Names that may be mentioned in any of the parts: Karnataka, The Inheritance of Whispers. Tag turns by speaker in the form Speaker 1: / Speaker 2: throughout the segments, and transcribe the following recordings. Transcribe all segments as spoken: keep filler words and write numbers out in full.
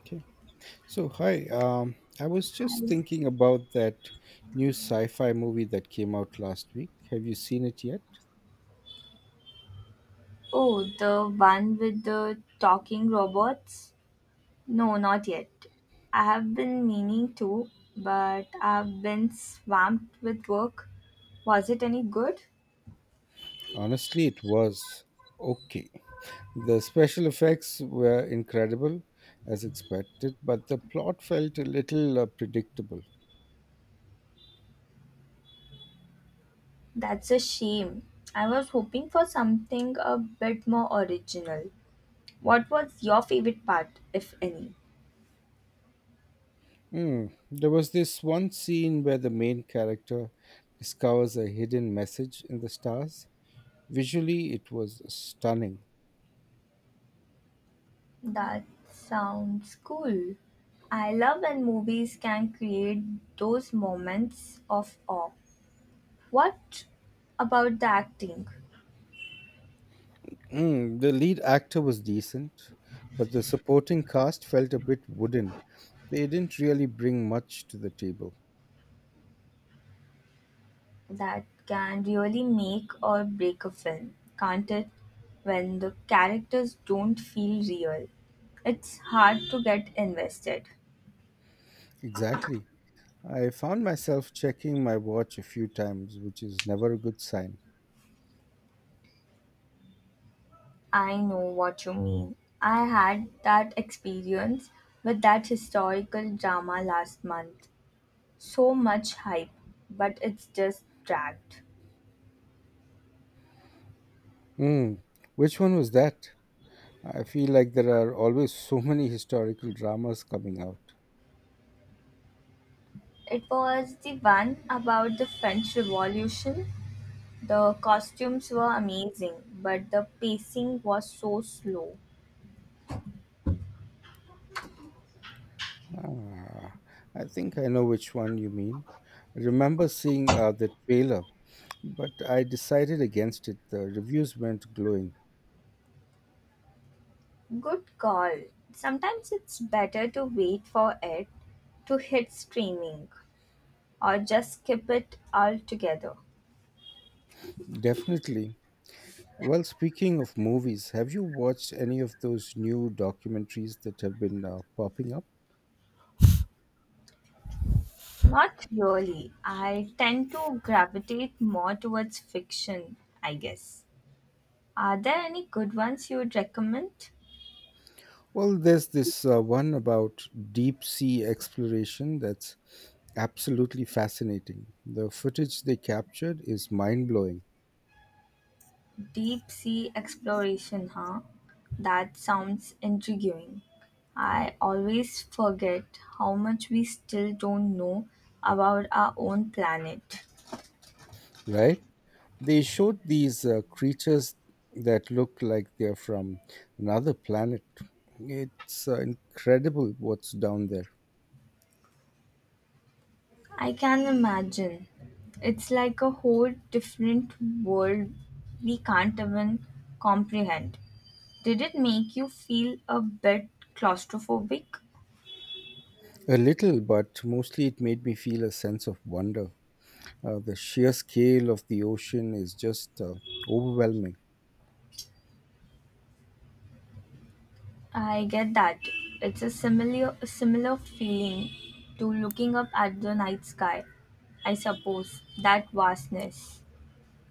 Speaker 1: Okay. So, hi. Um, I was just thinking about that new sci fi movie that came out last week. Have you seen it yet?
Speaker 2: Oh, the one with the talking robots? No, not yet. I have been meaning to, but I've been swamped with work. Was it any good?
Speaker 1: Honestly, it was okay. The special effects were incredible, as expected, but the plot felt a little uh, predictable.
Speaker 2: That's a shame. I was hoping for something a bit more original. What was your favorite part, if any?
Speaker 1: Hmm. There was this one scene where the main character discovers a hidden message in the stars. Visually, it was stunning.
Speaker 2: That sounds cool. I love when movies can create those moments of awe. What about the acting?
Speaker 1: Mm, the lead actor was decent, but the supporting cast felt a bit wooden. They didn't really bring much to the table.
Speaker 2: That can really make or break a film, can't it? When the characters don't feel real, it's hard to get invested.
Speaker 1: Exactly. I found myself checking my watch a few times, which is never a good sign.
Speaker 2: I know what you mean. I had that experience with that historical drama last month. So much hype, but it's just dragged.
Speaker 1: Mm, which one was that? I feel like there are always so many historical dramas coming out.
Speaker 2: It was the one about the French Revolution. The costumes were amazing, but the pacing was so slow.
Speaker 1: Ah, I think I know which one you mean. I remember seeing uh, the trailer, but I decided against it. The reviews weren't glowing.
Speaker 2: Good call. Sometimes it's better to wait for it to hit streaming or just skip it altogether.
Speaker 1: Definitely. Well, speaking of movies, have you watched any of those new documentaries that have been uh, popping up?
Speaker 2: Not really. I tend to gravitate more towards fiction, I guess. Are there any good ones you would recommend?
Speaker 1: Well, there's this uh, one about deep sea exploration that's absolutely fascinating. The footage they captured is mind blowing,
Speaker 2: Deep sea exploration, huh? That sounds intriguing. I always forget how much we still don't know about our own planet.
Speaker 1: right? They showed these uh, creatures that look like they're from another planet. It's uh, incredible what's down there.
Speaker 2: I can imagine. It's like a whole different world we can't even comprehend. Did it make you feel a bit claustrophobic?
Speaker 1: A little, but mostly it made me feel a sense of wonder. Uh, the sheer scale of the ocean is just uh, overwhelming.
Speaker 2: I get that. It's a similar similar feeling to looking up at the night sky. I suppose that vastness.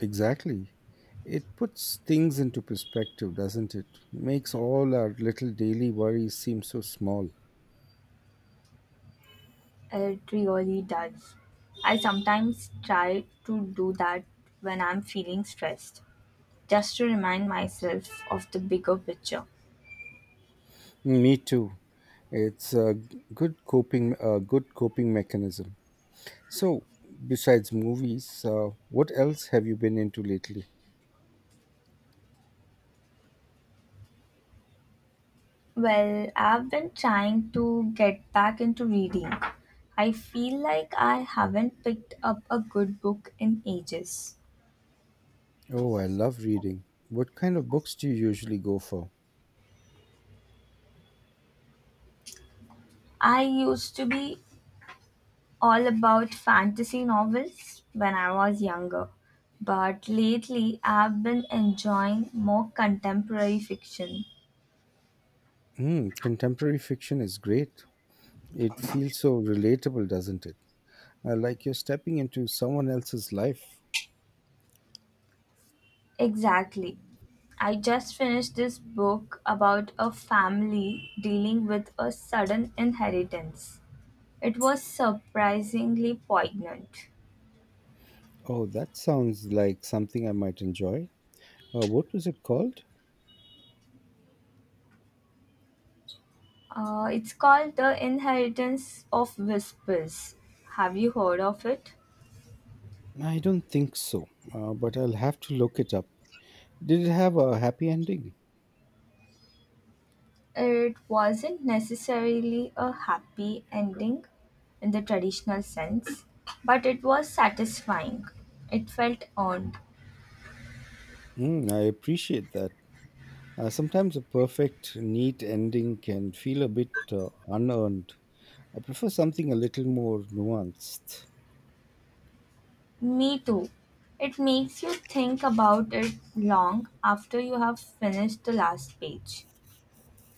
Speaker 1: Exactly. It puts things into perspective, doesn't it? Makes all our little daily worries seem so small.
Speaker 2: It really does. I sometimes try to do that when I'm feeling stressed, just to remind myself of the bigger picture.
Speaker 1: Me too. It's a good coping, a good coping mechanism. So, besides movies, uh, what else have you been into lately?
Speaker 2: Well, I've been trying to get back into reading. I feel like I haven't picked up a good book in ages.
Speaker 1: Oh, I love reading. What kind of books do you usually go for?
Speaker 2: I used to be all about fantasy novels when I was younger, but lately I've been enjoying more contemporary fiction.
Speaker 1: Hmm, contemporary fiction is great. It feels so relatable, doesn't it? Uh, like you're stepping into someone else's life.
Speaker 2: Exactly. I just finished this book about a family dealing with a sudden inheritance. It was surprisingly poignant.
Speaker 1: Oh, that sounds like something I might enjoy. Uh, what was it called?
Speaker 2: Uh, it's called The Inheritance of Whispers. Have you heard of it?
Speaker 1: I don't think so, uh, but I'll have to look it up. Did it have a happy ending?
Speaker 2: It wasn't necessarily a happy ending in the traditional sense, but it was satisfying. It felt earned.
Speaker 1: Mm, I appreciate that. Uh, sometimes a perfect, neat ending can feel a bit uh, unearned. I prefer something a little more nuanced.
Speaker 2: Me too. It makes you think about it long after you have finished the last page.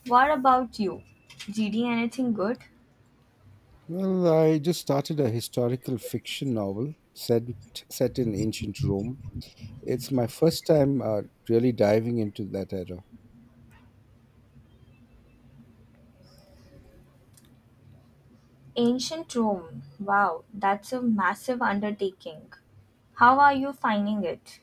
Speaker 2: What about you? Reading anything good?
Speaker 1: Well, I just started a historical fiction novel set, set in ancient Rome. It's my first time uh, really diving into that era.
Speaker 2: Ancient Rome. Wow, that's a massive undertaking. How are you finding it?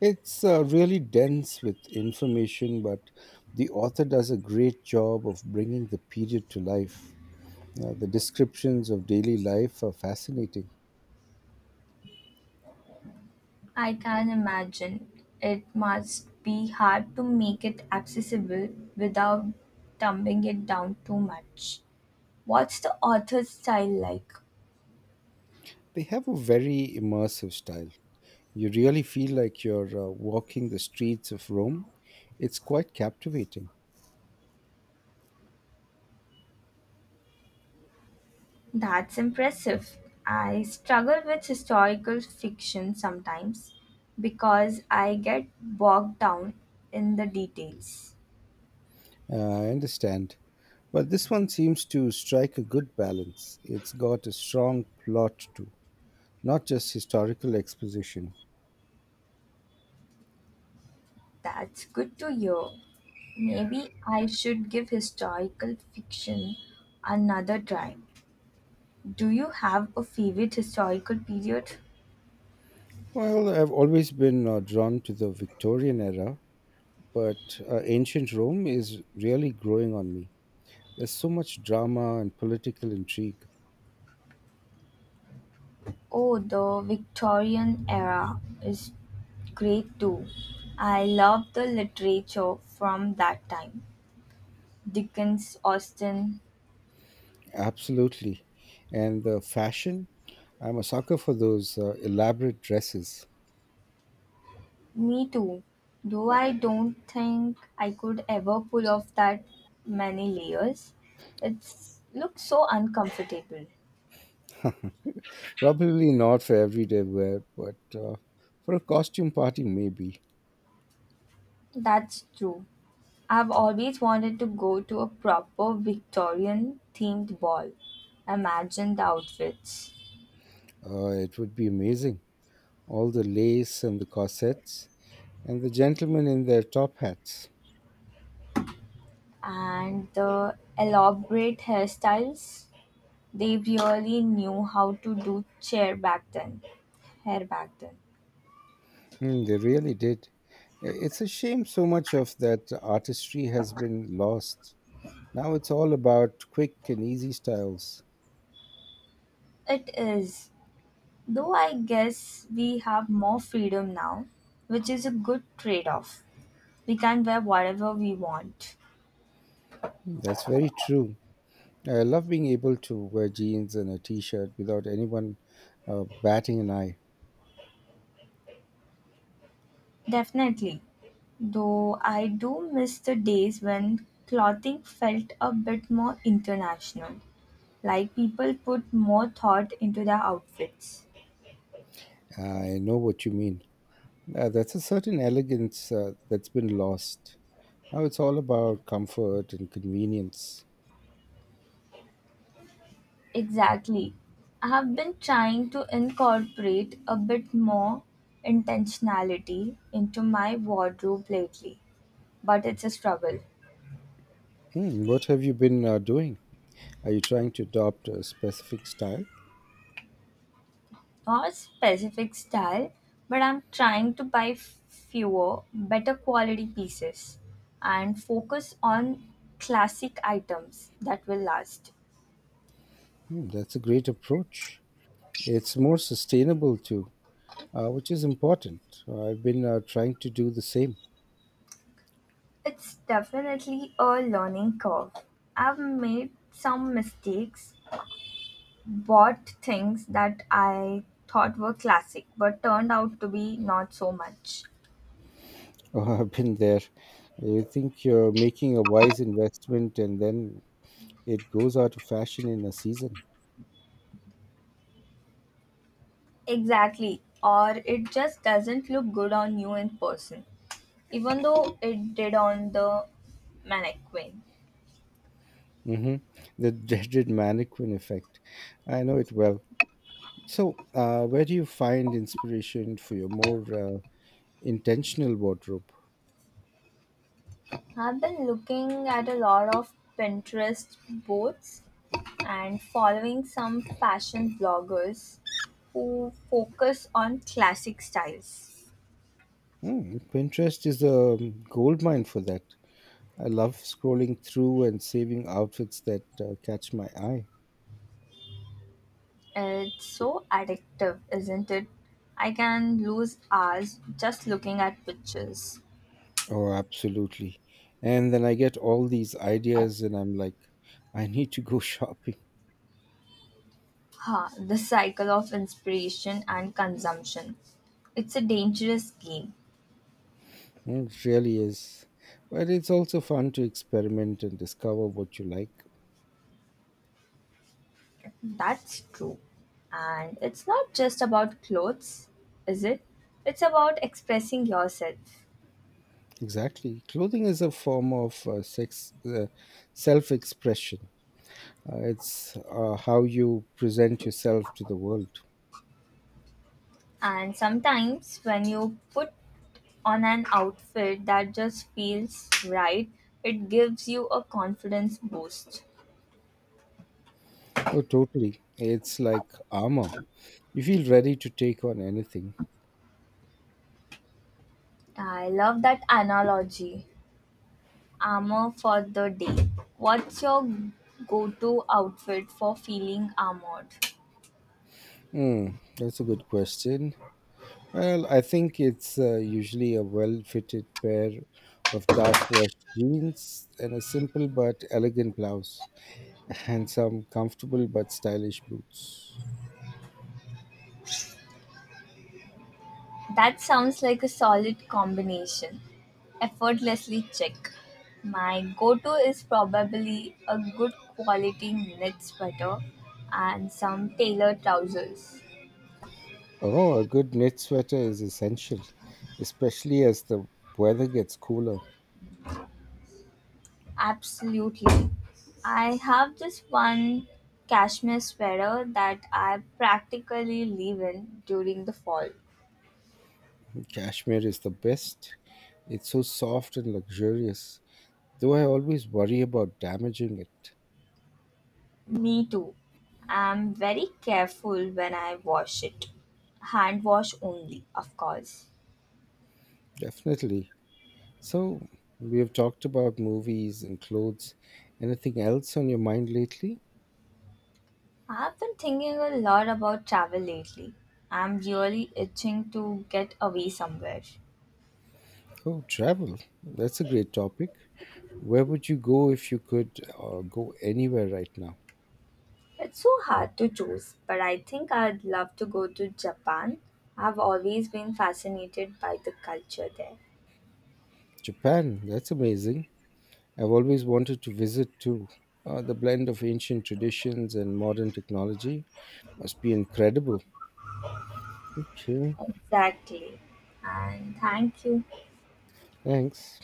Speaker 1: It's uh, really dense with information, but the author does a great job of bringing the period to life. Uh, the descriptions of daily life are fascinating.
Speaker 2: I can imagine. It must be hard to make it accessible without dumbing it down too much. What's the author's style like?
Speaker 1: They have a very immersive style. You really feel like you're uh, walking the streets of Rome. It's quite captivating.
Speaker 2: That's impressive. I struggle with historical fiction sometimes because I get bogged down in the details.
Speaker 1: Uh, I understand. But this one seems to strike a good balance. It's got a strong plot too, not just historical exposition.
Speaker 2: That's good to hear. Maybe I should give historical fiction another try. Do you have a favorite historical period?
Speaker 1: Well, I've always been uh, drawn to the Victorian era, but uh, ancient Rome is really growing on me. There's so much drama and political intrigue.
Speaker 2: Oh, the Victorian era is great too. I love the literature from that time. Dickens, Austen.
Speaker 1: Absolutely. And the fashion, I'm a sucker for those uh, elaborate dresses.
Speaker 2: Me too. Though I don't think I could ever pull off that many layers. It looks so uncomfortable.
Speaker 1: Probably not for everyday wear, but uh, for a costume party, maybe.
Speaker 2: That's true. I've always wanted to go to a proper Victorian themed ball. Imagine the outfits
Speaker 1: Uh, it would be amazing. All the lace and the corsets, and the gentlemen in their top hats.
Speaker 2: and the elaborate hairstyles. They really knew how to do chair back then. Hair back then.
Speaker 1: Mm, they really did. I- It's a shame so much of that artistry has been lost. Now it's all about quick and easy styles.
Speaker 2: It is. Though I guess we have more freedom now, which is a good trade off. We can wear whatever we want.
Speaker 1: Mm, that's very true. I love being able to wear jeans and a t shirt without anyone uh, batting an eye.
Speaker 2: Definitely. Though I do miss the days when clothing felt a bit more international, like people put more thought into their outfits.
Speaker 1: I know what you mean. Uh, that's a certain elegance uh, that's been lost. Now it's all about comfort and convenience.
Speaker 2: Exactly. I have been trying to incorporate a bit more intentionality into my wardrobe lately, but it's a struggle.
Speaker 1: Hmm, what have you been uh, doing? Are you trying to adopt a specific style?
Speaker 2: Not a specific style, but I'm trying to buy f- fewer, better quality pieces and focus on classic items that will last.
Speaker 1: Hmm, that's a great approach. It's more sustainable too, uh, which is important. I've been uh, trying to do the same.
Speaker 2: It's definitely a learning curve. I've made some mistakes, bought things that I thought were classic but turned out to be not so much.
Speaker 1: Oh, I've been there. You think you're making a wise investment and then it goes out of fashion in a season.
Speaker 2: Exactly. Or it just doesn't look good on you in person, even though it did on the mannequin.
Speaker 1: Hmm. The dreaded mannequin effect. I know it well. So, uh, where do you find inspiration for your more uh, intentional wardrobe?
Speaker 2: I've been looking at a lot of Pinterest boards and following some fashion bloggers who focus on classic styles.
Speaker 1: Hmm, Pinterest is a gold mine for that. I love scrolling through and saving outfits that uh, catch my eye.
Speaker 2: It's so addictive, isn't it? I can lose hours just looking at pictures.
Speaker 1: Oh, absolutely. And then I get all these ideas, and I'm like, I need to go shopping.
Speaker 2: Ha, the cycle of inspiration and consumption. It's a dangerous game.
Speaker 1: It really is. But it's also fun to experiment and discover what you like.
Speaker 2: That's true. And it's not just about clothes, is it? It's about expressing yourself.
Speaker 1: Exactly. Clothing is a form of uh, sex, uh, self expression. Uh, it's uh, how you present yourself to the world.
Speaker 2: And sometimes when you put on an outfit that just feels right, it gives you a confidence boost.
Speaker 1: Oh, totally. It's like armor. You feel ready to take on anything.
Speaker 2: I love that analogy. Armor for the day. What's your go to outfit for feeling armored?
Speaker 1: Hmm, that's a good question. Well, I think it's uh, usually a well fitted pair of dark washed jeans and a simple but elegant blouse, and some comfortable but stylish boots.
Speaker 2: That sounds like a solid combination. Effortlessly check. My go to is probably a good quality knit sweater and some tailored trousers.
Speaker 1: Oh, a good knit sweater is essential, especially as the weather gets cooler.
Speaker 2: Absolutely. I have this one cashmere sweater that I practically live in during the fall.
Speaker 1: Cashmere is the best. It's so soft and luxurious, though I always worry about damaging it.
Speaker 2: Me too. I'm very careful when I wash it. Hand wash only, of course.
Speaker 1: Definitely. So, we have talked about movies and clothes. Anything else on your mind lately?
Speaker 2: I've been thinking a lot about travel lately. I'm really itching to get away somewhere.
Speaker 1: Oh, travel. That's a great topic. Where would you go if you could uh, go anywhere right now?
Speaker 2: It's so hard to choose, but I think I'd love to go to Japan. I've always been fascinated by the culture there.
Speaker 1: Japan. That's amazing. I've always wanted to visit too. Uh, the blend of ancient traditions and modern technology must be incredible. Okay,
Speaker 2: Exactly. And thank you.
Speaker 1: thanks.